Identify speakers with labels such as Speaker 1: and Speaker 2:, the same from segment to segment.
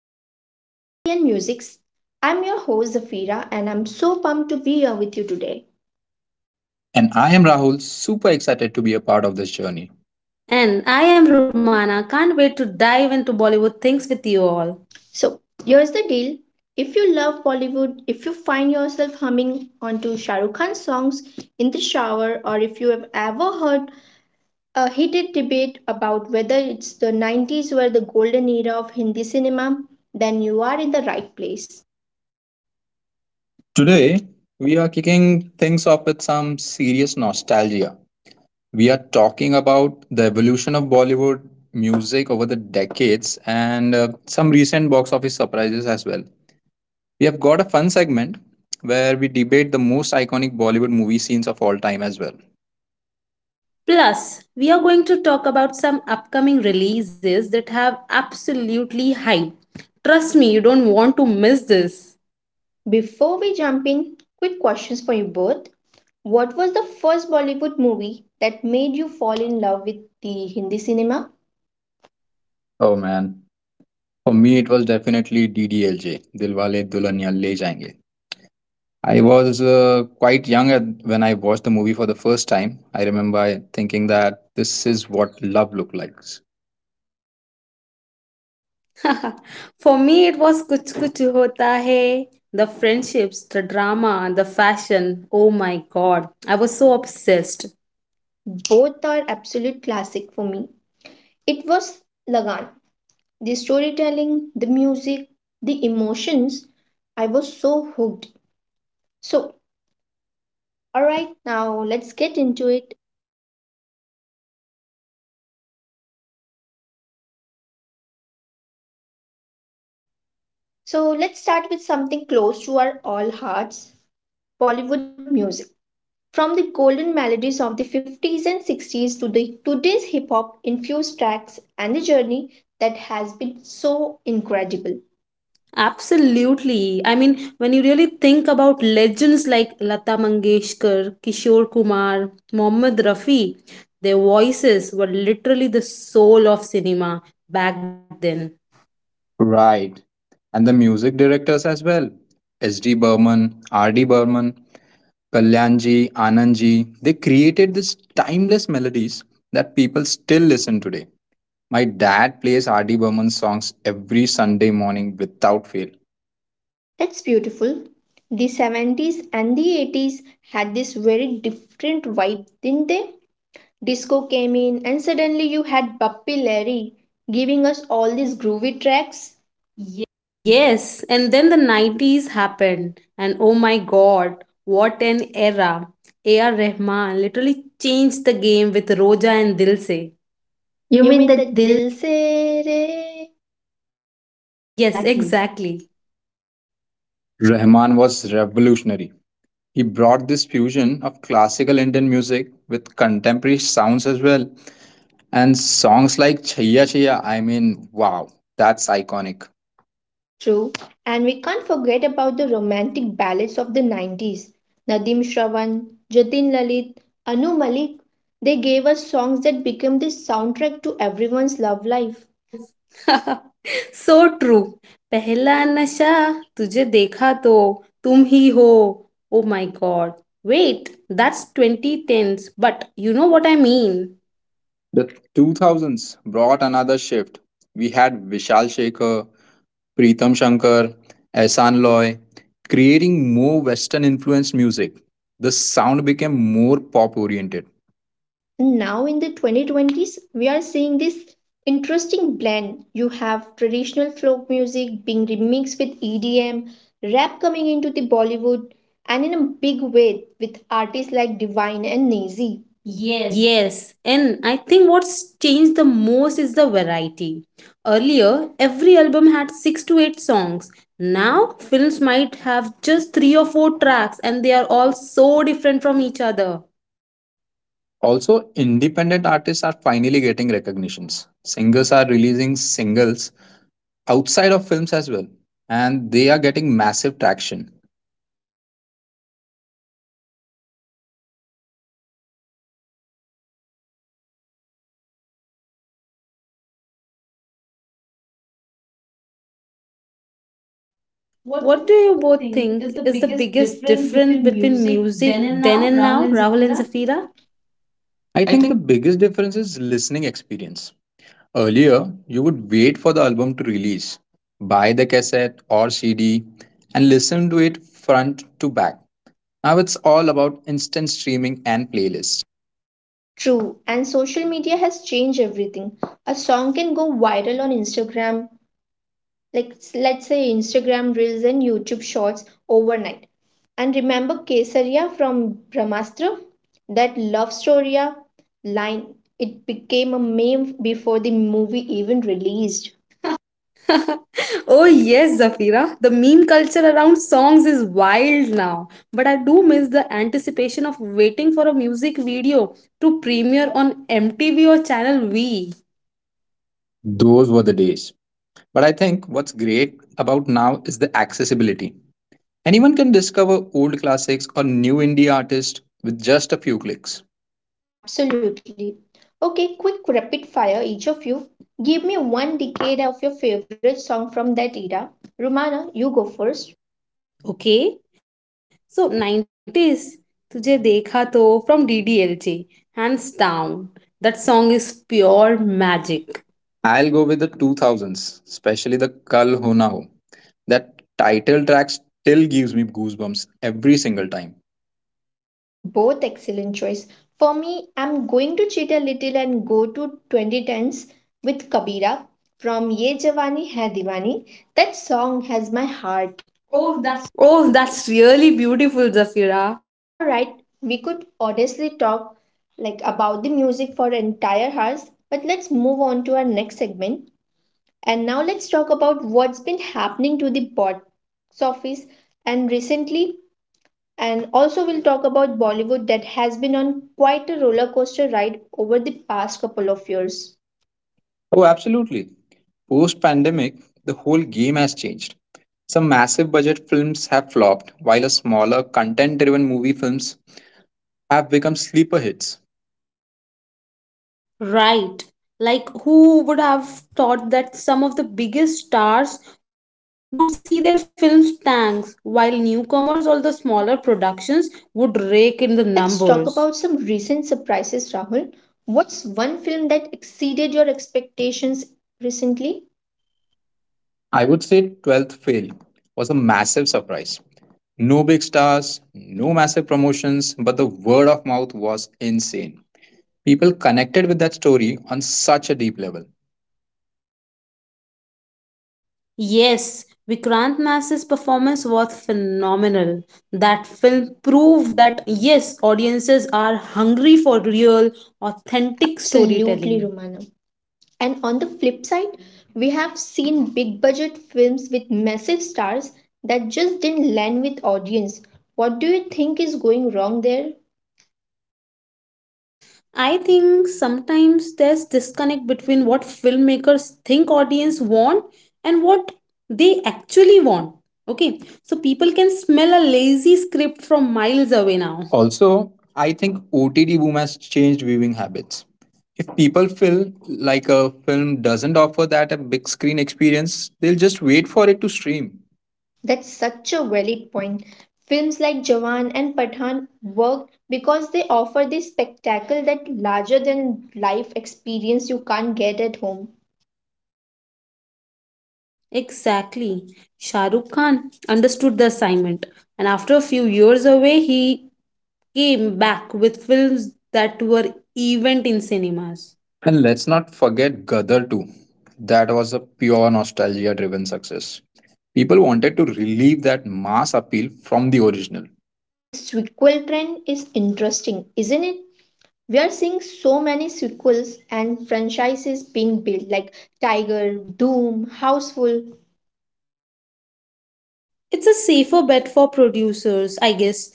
Speaker 1: which include movie and musics. I'm your host Zafira, and I'm so pumped to be here with you today.
Speaker 2: And I am Rahul, super excited to be a part of this journey.
Speaker 3: And I am Romana. Can't wait to dive into Bollywood things with you all.
Speaker 1: So here's the deal: if you love Bollywood, if you find yourself humming onto Shah Rukh Khan's songs in the shower, or if you have ever heard a heated debate about whether it's the 90s were the golden era of Hindi cinema, then you are in the right place.
Speaker 2: Today, we are kicking things off with some serious nostalgia. We are talking about the evolution of Bollywood music over the decades and some recent box office surprises as well. We have got a fun segment where we debate the most iconic Bollywood movie scenes of all time as well.
Speaker 3: Plus, we are going to talk about some upcoming releases that have absolutely hype. Trust me, you don't want to miss this.
Speaker 1: Before we jump in, quick questions for you both. What was the first Bollywood movie that made you fall in love with the Hindi cinema?
Speaker 2: Oh man. For me, it was definitely DDLJ, Dilwale Dulhania Le Jayenge. I was quite young when I watched the movie for the first time. I remember I thinking that this is what love looked like.
Speaker 3: For me, it was Kuch Kuch Hota Hai. The friendships, the drama, the fashion. Oh my god, I was so obsessed.
Speaker 1: Both are absolute classic for me. It was Lagan. The storytelling, the music, the emotions, I was so hooked. So, all right, now let's get into it. So, let's start with something close to our all hearts, Bollywood music. From the golden melodies of the 50s and 60s to the today's hip hop infused tracks and the journey that has been so incredible.
Speaker 3: Absolutely. I mean, when you really think about legends like Lata Mangeshkar, Kishore Kumar, Mohammed Rafi, their voices were literally the soul of cinema back then.
Speaker 2: Right. And the music directors as well. S.D. Burman, R.D. Burman, Kalyanji, Anandji, they created these timeless melodies that people still listen today. My dad plays R.D. Burman's songs every Sunday morning without fail.
Speaker 1: That's beautiful. The 70s and the 80s had this very different vibe, didn't they? Disco came in and suddenly you had Bappi Lahiri giving us all these groovy tracks.
Speaker 3: Yes, and then the 90s happened, and oh my god, what an era! A.R. Rahman literally changed the game with Roja and Dil Se.
Speaker 2: You
Speaker 1: You
Speaker 2: mean
Speaker 1: mean the
Speaker 2: that this?
Speaker 1: Dil Se Re.
Speaker 3: Yes,
Speaker 2: Exactly.
Speaker 3: exactly.
Speaker 2: Rahman was revolutionary. He brought this fusion of classical Indian music with contemporary sounds as well. And songs like Chaya Chaya, I mean, wow, that's iconic.
Speaker 1: True, and we can't forget about the romantic ballads of the 90s. Nadeem Shravan, Jatin Lalit, Anu Malik, they gave us songs that became the soundtrack to everyone's love life.
Speaker 3: So true पहला नशा तुझे देखा तो तुम ही हो oh my god wait that's 2010s, but you know what I mean.
Speaker 2: The 2000s brought another shift. We had Vishal Shekhar, Pritam Shankar, Ehsan Loy, creating more Western influenced music. The sound became more pop oriented.
Speaker 1: And now in the 2020s, we are seeing this interesting blend. You have traditional folk music being remixed with EDM, rap coming into the Bollywood, and in a big way with artists like Divine and Nazy. Yes.
Speaker 3: Yes, and I think what's changed the most is the variety. Earlier, every album had 6 to 8 songs. Now, films might have just 3 or 4 tracks, and they are all so different from each other.
Speaker 2: Also, independent artists are finally getting recognitions. Singers are releasing singles outside of films as well, and they are getting massive traction.
Speaker 1: What do you
Speaker 3: What do
Speaker 1: both
Speaker 3: you
Speaker 1: think
Speaker 3: both
Speaker 1: is the
Speaker 3: think is the
Speaker 1: biggest
Speaker 3: biggest
Speaker 1: difference
Speaker 3: difference
Speaker 1: between
Speaker 3: between
Speaker 1: music
Speaker 3: music
Speaker 1: then and
Speaker 3: then
Speaker 1: now,
Speaker 3: and
Speaker 1: Rahul
Speaker 3: now,
Speaker 1: and
Speaker 3: Rahul and
Speaker 1: Zafira?
Speaker 3: Zafira?
Speaker 2: I
Speaker 1: I
Speaker 2: think
Speaker 1: think.
Speaker 2: the biggest difference is listening experience. Earlier, you would wait for the album to release, buy the cassette or cd, and listen to it front to back. Now it's all about instant streaming and playlists.
Speaker 1: True, and social media has changed everything. A song can go viral on Instagram, let's say Instagram Reels and YouTube Shorts overnight. And remember Kesariya from Brahmastra? That love story line, it became a meme before the movie even released.
Speaker 3: Oh, yes, Zafira. The meme culture around songs is wild now. But I do miss the anticipation of waiting for a music video to premiere on MTV or Channel V.
Speaker 2: Those were the days, but I think what's great about now is the accessibility. Anyone can discover old classics or new indie artists with just a few clicks.
Speaker 1: Absolutely. Okay, quick rapid fire, each of you. Give me one decade of your favorite song from that era. Romana, you go first.
Speaker 3: Okay? So, 90s, Tujhe Dekha To from DDLJ. Hands down. That song is pure magic.
Speaker 2: I'll go with the 2000s, especially the Kal Ho Na Ho. That title track still gives me goosebumps every single time.
Speaker 1: Both excellent choice. For me, I'm going to cheat a little and go to 2010s with Kabira from Ye Jawani Hai Diwani. That song has my heart. Oh, that's
Speaker 3: Oh, that's really beautiful, Zafira.
Speaker 1: all right. We could honestly talk like about the music for entire hours, but let's move on to our next segment. And now let's talk about what's been happening to the box office and recently. And also, we'll talk about Bollywood that has been on quite a roller coaster ride over the past couple of years.
Speaker 2: Oh, absolutely. Post pandemic, the whole game has changed. Some massive budget films have flopped, while a smaller, content driven movie films have become sleeper hits.
Speaker 3: Right. Like, who would have thought that some of the biggest stars would see their films tanks, while newcomers or the smaller productions would rake in the
Speaker 1: Let's talk
Speaker 3: numbers?
Speaker 1: about some recent surprises, Rahul. What's one film that exceeded your expectations recently?
Speaker 2: I would say 12th Fail was a massive surprise. No big stars, no massive promotions, but the word of mouth was insane. People connected with that story on such a deep level.
Speaker 3: Yes, Vikrant Mass's performance was phenomenal. That film proved that, yes, audiences are hungry for real, authentic
Speaker 1: Absolutely,
Speaker 3: storytelling.
Speaker 1: Romana. And on the flip side, we have seen big budget films with massive stars that just didn't land with audience. What do you think is going wrong there?
Speaker 3: I think sometimes there's disconnect between what filmmakers think audience want and what they actually want. Okay, so people can smell a lazy script from miles away now.
Speaker 2: Also, I think OTD boom has changed viewing habits. If people feel like a film doesn't offer that a big screen experience, they'll just wait for it to stream.
Speaker 1: That's such a valid point. Films like Jawan and Pathan work because they offer this spectacle that larger than life experience you can't get at home.
Speaker 3: Exactly. Shah Rukh Khan understood the assignment, and after a few years away, he came back with films that were event in cinemas.
Speaker 2: And let's not forget Gadar too. That was a pure nostalgia driven success. People wanted to relieve that mass appeal from the original.
Speaker 1: The sequel trend is interesting, isn't it? We are seeing so many sequels and franchises being built like Tiger, Doom, Houseful.
Speaker 3: It's a safer bet for producers, I guess.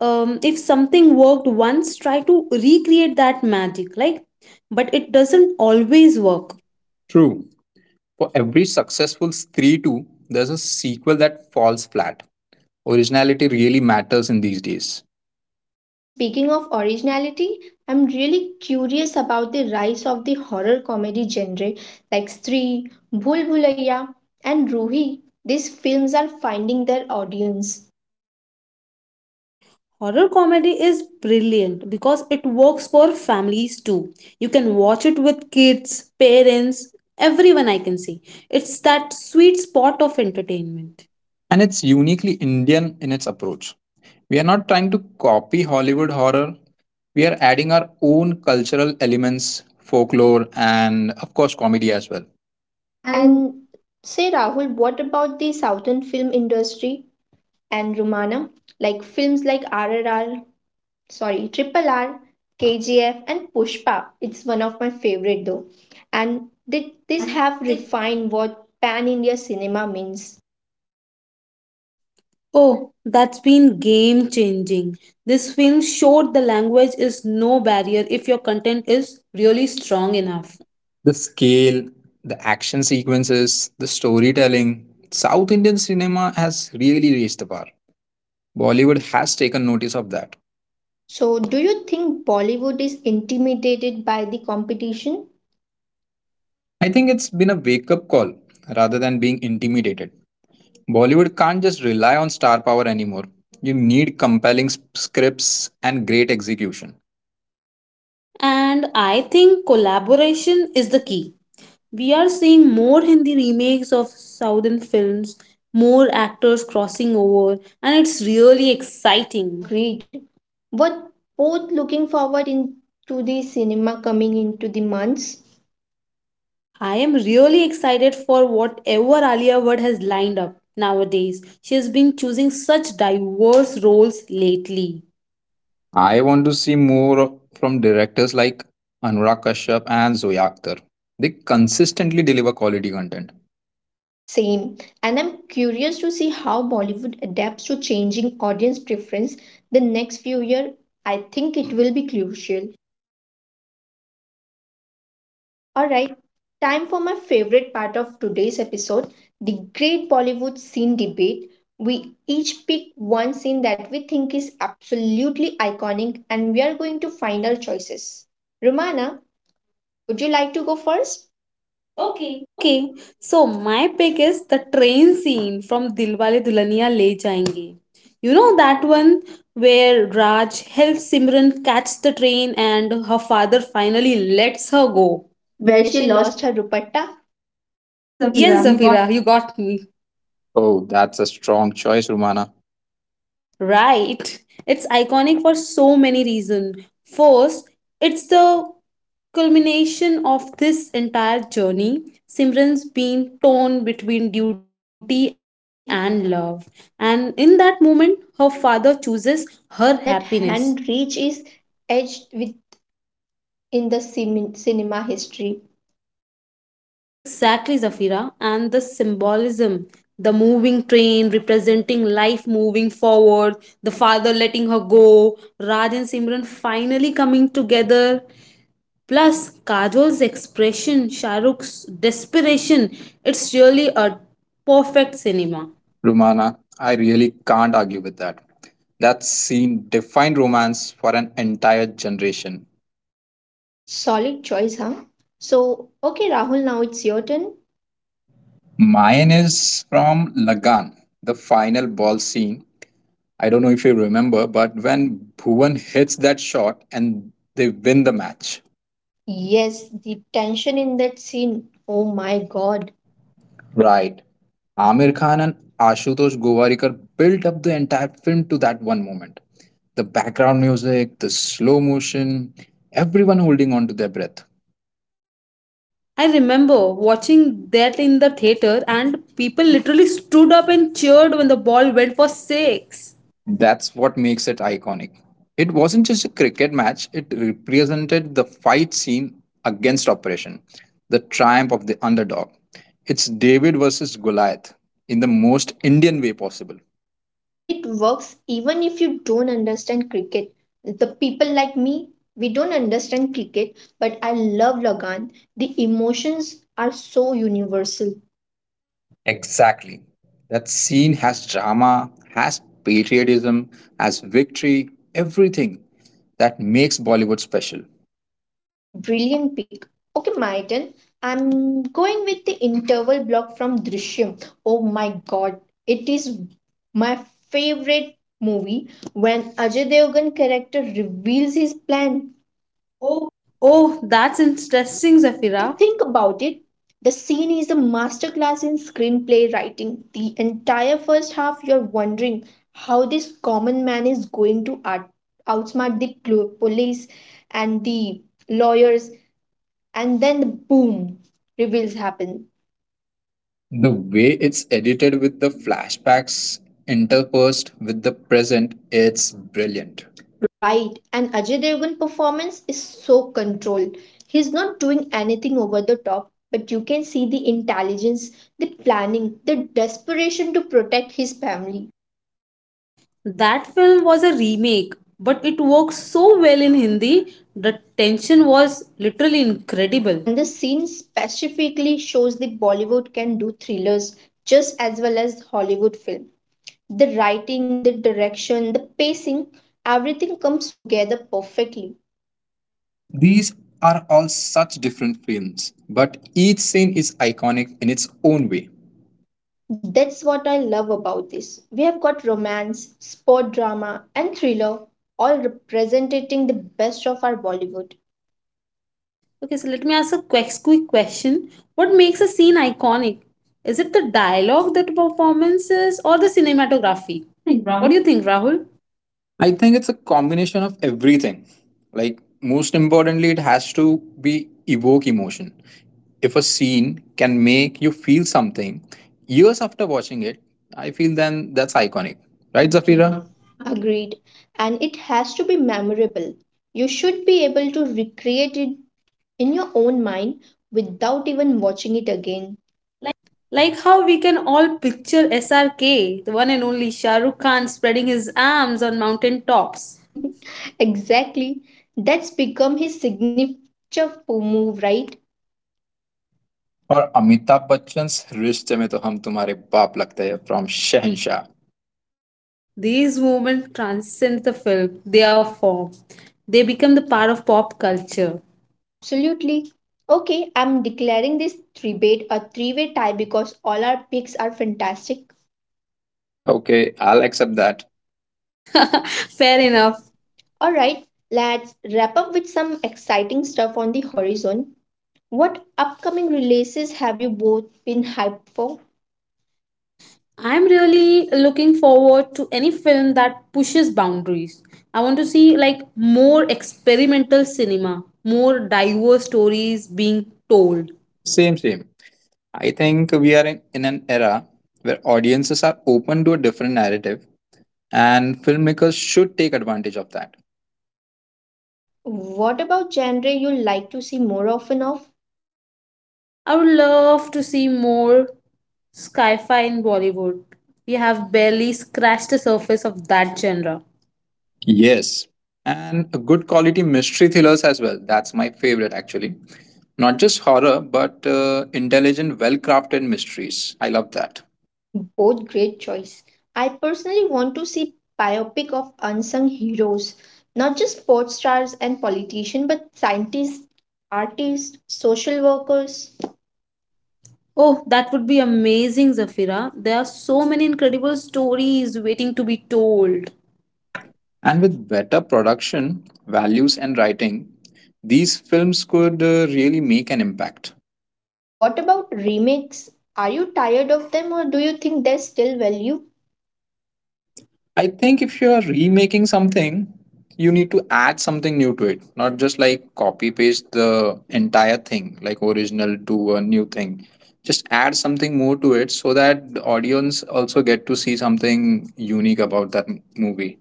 Speaker 3: If something worked once, try to recreate that magic, like, but it doesn't always work.
Speaker 2: True. For every successful 3-2, there's a sequel that falls flat. Originality really matters in these days.
Speaker 1: And speaking of originality, I'm really curious about the rise of the horror comedy genre like Stree, Bhul Bhulaiya, and Ruhi. These films are finding their audience.
Speaker 3: Horror comedy is brilliant because it works for families too. You can watch it with kids, parents, everyone. I can see it's that sweet spot of entertainment.
Speaker 2: And it's uniquely Indian in its approach. We are not trying to copy Hollywood horror, we are adding our own cultural elements, folklore, and of course, comedy as well. And
Speaker 1: And say, Rahul, what about the southern film industry and Romana? Like films like RRR, sorry, Triple R, KGF, and Pushpa. It's one of my favorite though. And these have refined what pan India cinema means.
Speaker 3: Oh, that's been game changing. This film showed the language is no barrier if your content is really strong enough.
Speaker 2: the scale, the action sequences, the storytelling. South Indian cinema has really raised the bar. Bollywood has taken notice of that.
Speaker 1: So, do you think Bollywood is intimidated by the competition?
Speaker 2: I think it's been a wake up call rather than being intimidated. Bollywood can't just rely on star power anymore. You need compelling scripts and great execution.
Speaker 3: And I think collaboration is the key. We are seeing more Hindi remakes of southern films, more actors crossing over, and it's really exciting.
Speaker 1: Agreed. What both looking forward into the cinema coming into the months?
Speaker 3: I am really excited for whatever Alia Bhatt has lined up nowadays. She has been choosing such diverse roles lately.
Speaker 2: I want to see more from directors like Anurag Kashyap and Zoya Akhtar. They consistently deliver quality content.
Speaker 1: Same. And I'm curious to see how Bollywood adapts to changing audience preference the next few years. I think it will be crucial. All right, time for my favorite part of today's episode, the great Bollywood scene debate. We each pick one scene that we think is absolutely iconic and we are going to find our choices. Romana, would you like to go first? Okay.
Speaker 3: Okay, so my pick is the train scene from Dilwale Dulhania Le Jayenge. You know that one where Raj helps Simran catch the train and her father finally lets her go.
Speaker 2: Where
Speaker 1: Where
Speaker 2: she
Speaker 1: she
Speaker 2: lost.
Speaker 1: lost her dupatta
Speaker 2: Yes,
Speaker 3: Yes,
Speaker 2: Zafira, you got.
Speaker 3: Zafira, you got me.
Speaker 2: Oh, that's a strong choice, Rumana.
Speaker 3: Right. It's iconic for so many reasons. First, it's the culmination of this entire journey. Simran's been torn between duty and love. And in that moment, her father chooses her happiness.
Speaker 1: and that hand reach is edged with in the cinema history.
Speaker 3: Exactly, Zafira. And the symbolism, the moving train representing life moving forward, the father letting her go, Raj and Simran finally coming together. Plus, Kajol's expression, Shahrukh's desperation, it's really a perfect cinema.
Speaker 2: Rumana, I really can't argue with that. That scene defined romance for an entire generation.
Speaker 1: Solid choice, huh? So, okay, Rahul, now it's your turn.
Speaker 2: Mine is from Lagan, the final ball scene. I don't know if you remember, but when Bhuvan hits that shot and they win the match.
Speaker 1: Yes, the tension in that scene. Oh my
Speaker 2: God.
Speaker 1: god.
Speaker 2: Right. Amir Khan and Ashutosh Govarikar built up the entire film to that one moment. The background music, the slow motion, everyone holding on to their breath.
Speaker 3: I remember watching that in the theater, and people literally stood up and cheered when the ball went for six.
Speaker 2: That's what makes it iconic. It wasn't just a cricket match, it represented the fight scene against oppression, the triumph of the underdog. It's David versus Goliath in the most Indian way possible.
Speaker 1: And it works even if you don't understand cricket. The people like me, we don't understand cricket, but I love Lagan. The emotions are so universal.
Speaker 2: Exactly. That scene has drama, has patriotism, has victory, everything that makes Bollywood special.
Speaker 1: Brilliant pick. Okay, my turn. I'm going with the interval block from Drishyam. Oh my god. It is my favorite movie when Ajay Devgan character reveals his plan. oh
Speaker 3: Oh, that's interesting, Zafira.
Speaker 1: Like, think about it. The scene is a masterclass in screenplay writing. The entire first half, you're wondering how this common man is going to outsmart the police and the lawyers, and then the boom, reveals happen.
Speaker 2: The way it's edited with the flashbacks interpersed with the present, it's brilliant.
Speaker 1: Right, and Ajay Devgan performance is so controlled. He's not doing anything over the top, but you can see the intelligence, the planning, the desperation to protect his family.
Speaker 3: That film was a remake, but it works so well in Hindi. The tension was literally incredible.
Speaker 1: And the scene specifically shows that Bollywood can do thrillers just as well as Hollywood film. The writing, the direction, the pacing, everything comes together perfectly.
Speaker 2: These are all such different films, but each scene is iconic in its own way.
Speaker 1: That's what I love about this. We have got romance, sport drama, and thriller all representing the best of our Bollywood.
Speaker 3: Okay, so let me ask a quick question. What makes a scene iconic? Is it the dialogue, the performances, or the cinematography?
Speaker 2: What do you think,
Speaker 3: What do
Speaker 2: Rahul?
Speaker 3: you think, Rahul?
Speaker 2: I think it's a combination of everything. Like, most importantly, it has to be evoke emotion. If a scene can make you feel something years after watching it, I feel then that's iconic. Right,
Speaker 1: Right, agreed.
Speaker 2: Zafira?
Speaker 1: Zafira? Agreed. And it has to be memorable. You should be able to recreate it in your own mind without even watching it again.
Speaker 3: Like how we can all picture SRK, the one and only Shah Rukh Khan spreading his arms on mountain tops.
Speaker 1: Exactly. That's become his signature move, right?
Speaker 2: Or Amitabh Bachchan's Rishte Mein To Hum Tumhare Baap Lagte Hai from Shahenshah.
Speaker 3: These moments transcend the film, their form. They become the part of pop culture.
Speaker 1: Absolutely. Okay, I'm declaring this debate a three-way tie because all our picks are fantastic.
Speaker 2: Okay, I'll accept that.
Speaker 3: Fair enough.
Speaker 1: Alright, let's wrap up with some exciting stuff on the horizon. What upcoming releases have you both been hyped for?
Speaker 3: I'm really looking forward to any film that pushes boundaries. I want to see like more experimental cinema, more diverse stories being told.
Speaker 2: Same. I think we are in an era where audiences are open to a different narrative, and filmmakers should take advantage of that.
Speaker 1: What about genre you like to see more often of?
Speaker 3: I would love to see more sci-fi in Bollywood. We have barely scratched the surface of that genre.
Speaker 2: Yes, and a good quality mystery thrillers as well. That's my favorite, actually. Not just horror, but intelligent, well crafted mysteries. I love that.
Speaker 1: Both great choice. I personally want to see biopic of unsung heroes, not just sports stars and politicians, but scientists, artists, social workers.
Speaker 3: Oh, that would be amazing, Zafira. There are so many incredible stories waiting to be told.
Speaker 2: And with better production, values, and writing, these films could really make an impact.
Speaker 1: What about remakes? Are you tired of them or do you think there's still value?
Speaker 2: I think if you're remaking something, you need to add something new to it, not just like copy paste the entire thing, like original to a new thing. Just add something more to it so that the audience also get to see something unique about that movie.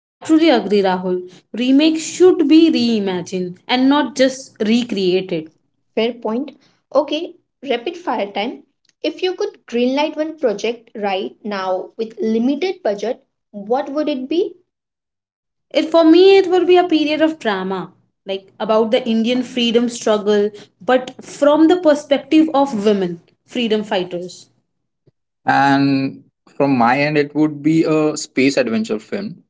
Speaker 3: I truly agree, Rahul. Remakes should be reimagined and not just recreated.
Speaker 1: Fair point. Okay, rapid fire time. If you could greenlight one project right now with limited budget, what would it be?
Speaker 3: It For me, it will be a period of drama, like about the Indian freedom struggle, but from the perspective of women, freedom fighters.
Speaker 2: And from my end, it would be a space adventure film,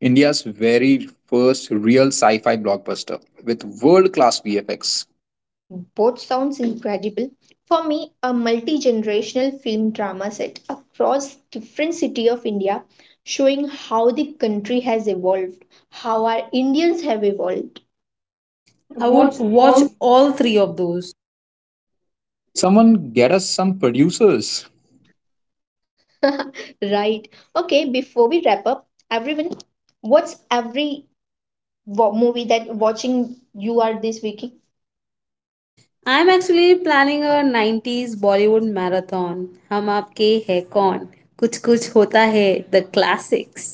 Speaker 2: India's very first real sci fi blockbuster with world class VFX.
Speaker 1: Both sounds incredible. For me, a multi-generational film drama set across different city of India showing how the country has evolved, how our Indians have evolved.
Speaker 3: I
Speaker 2: Watch
Speaker 3: would watch
Speaker 2: all.
Speaker 3: all three of those.
Speaker 2: Someone get us some producers.
Speaker 1: Right. Okay, before we wrap up, everyone, what's every movie that watching you are this week?
Speaker 3: I'm actually planning a 90s Bollywood marathon. Hum aapke hai kaun? Kuch kuch hota hai, the classics.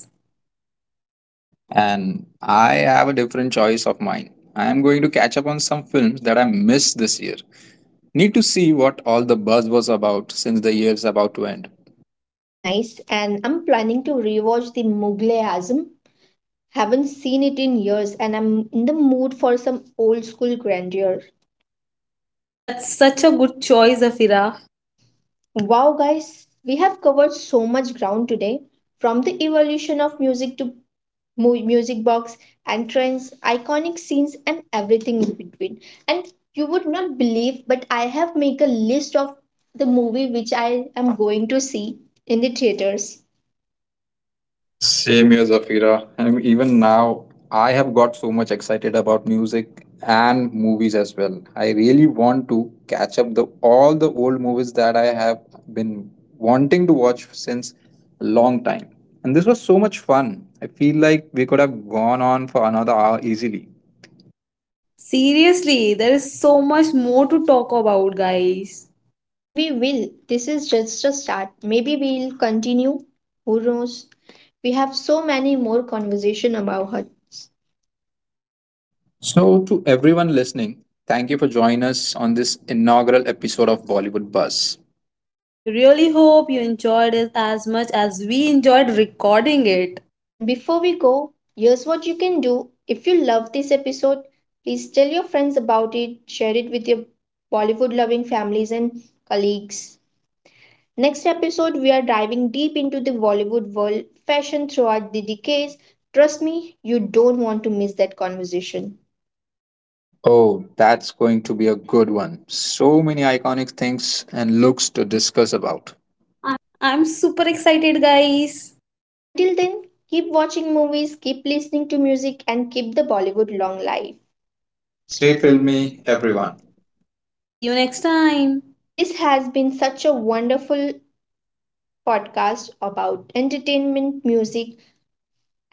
Speaker 2: And I have a different choice of mine. I am going to catch up on some films that I missed this year. Need to see what all the buzz was about since the year's about to end.
Speaker 1: Nice. And I'm planning to rewatch the Mughal Azam. Haven't seen it in years and I'm in the mood for some old school grandeur.
Speaker 3: That's such a good choice, Afira.
Speaker 1: Wow, guys, we have covered so much ground today, from the evolution of music to music box and trends, iconic scenes, and everything in between. And you would not believe, but I have made a list of the movie which I am going to see in the theaters.
Speaker 2: Same here, Zafira. And even now, I have got so much excited about music and movies as well. I really want to catch up the all the old movies that I have been wanting to watch since a long time. And this was so much fun. I feel like we could have gone on for another hour easily.
Speaker 3: Seriously, there is so much more to talk about, guys.
Speaker 1: And we will. This is just a start. Maybe we'll continue. Who knows? We have so many more conversation about her.
Speaker 2: So, to everyone listening, thank you for joining us on this inaugural episode of Bollywood Buzz.
Speaker 3: We really hope you enjoyed it as much as we enjoyed recording it.
Speaker 1: And before we go, here's what you can do. If you love this episode, please tell your friends about it, share it with your Bollywood loving families and colleagues. Next episode, we are diving deep into the Bollywood world, fashion throughout the decades. Trust me, you don't want to miss that conversation.
Speaker 2: Oh, that's going to be a good one. So many iconic things and looks to discuss about.
Speaker 3: I'm super excited, guys.
Speaker 1: Until then, keep watching movies, keep listening to music, and keep the Bollywood long life.
Speaker 2: Stay
Speaker 1: Stay filmy,
Speaker 2: filmy, everyone.
Speaker 1: everyone.
Speaker 3: See you next time.
Speaker 1: This has been such a wonderful podcast about entertainment, music,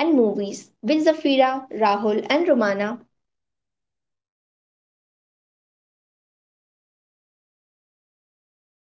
Speaker 1: and movies with Zafira, Rahul, and Romana.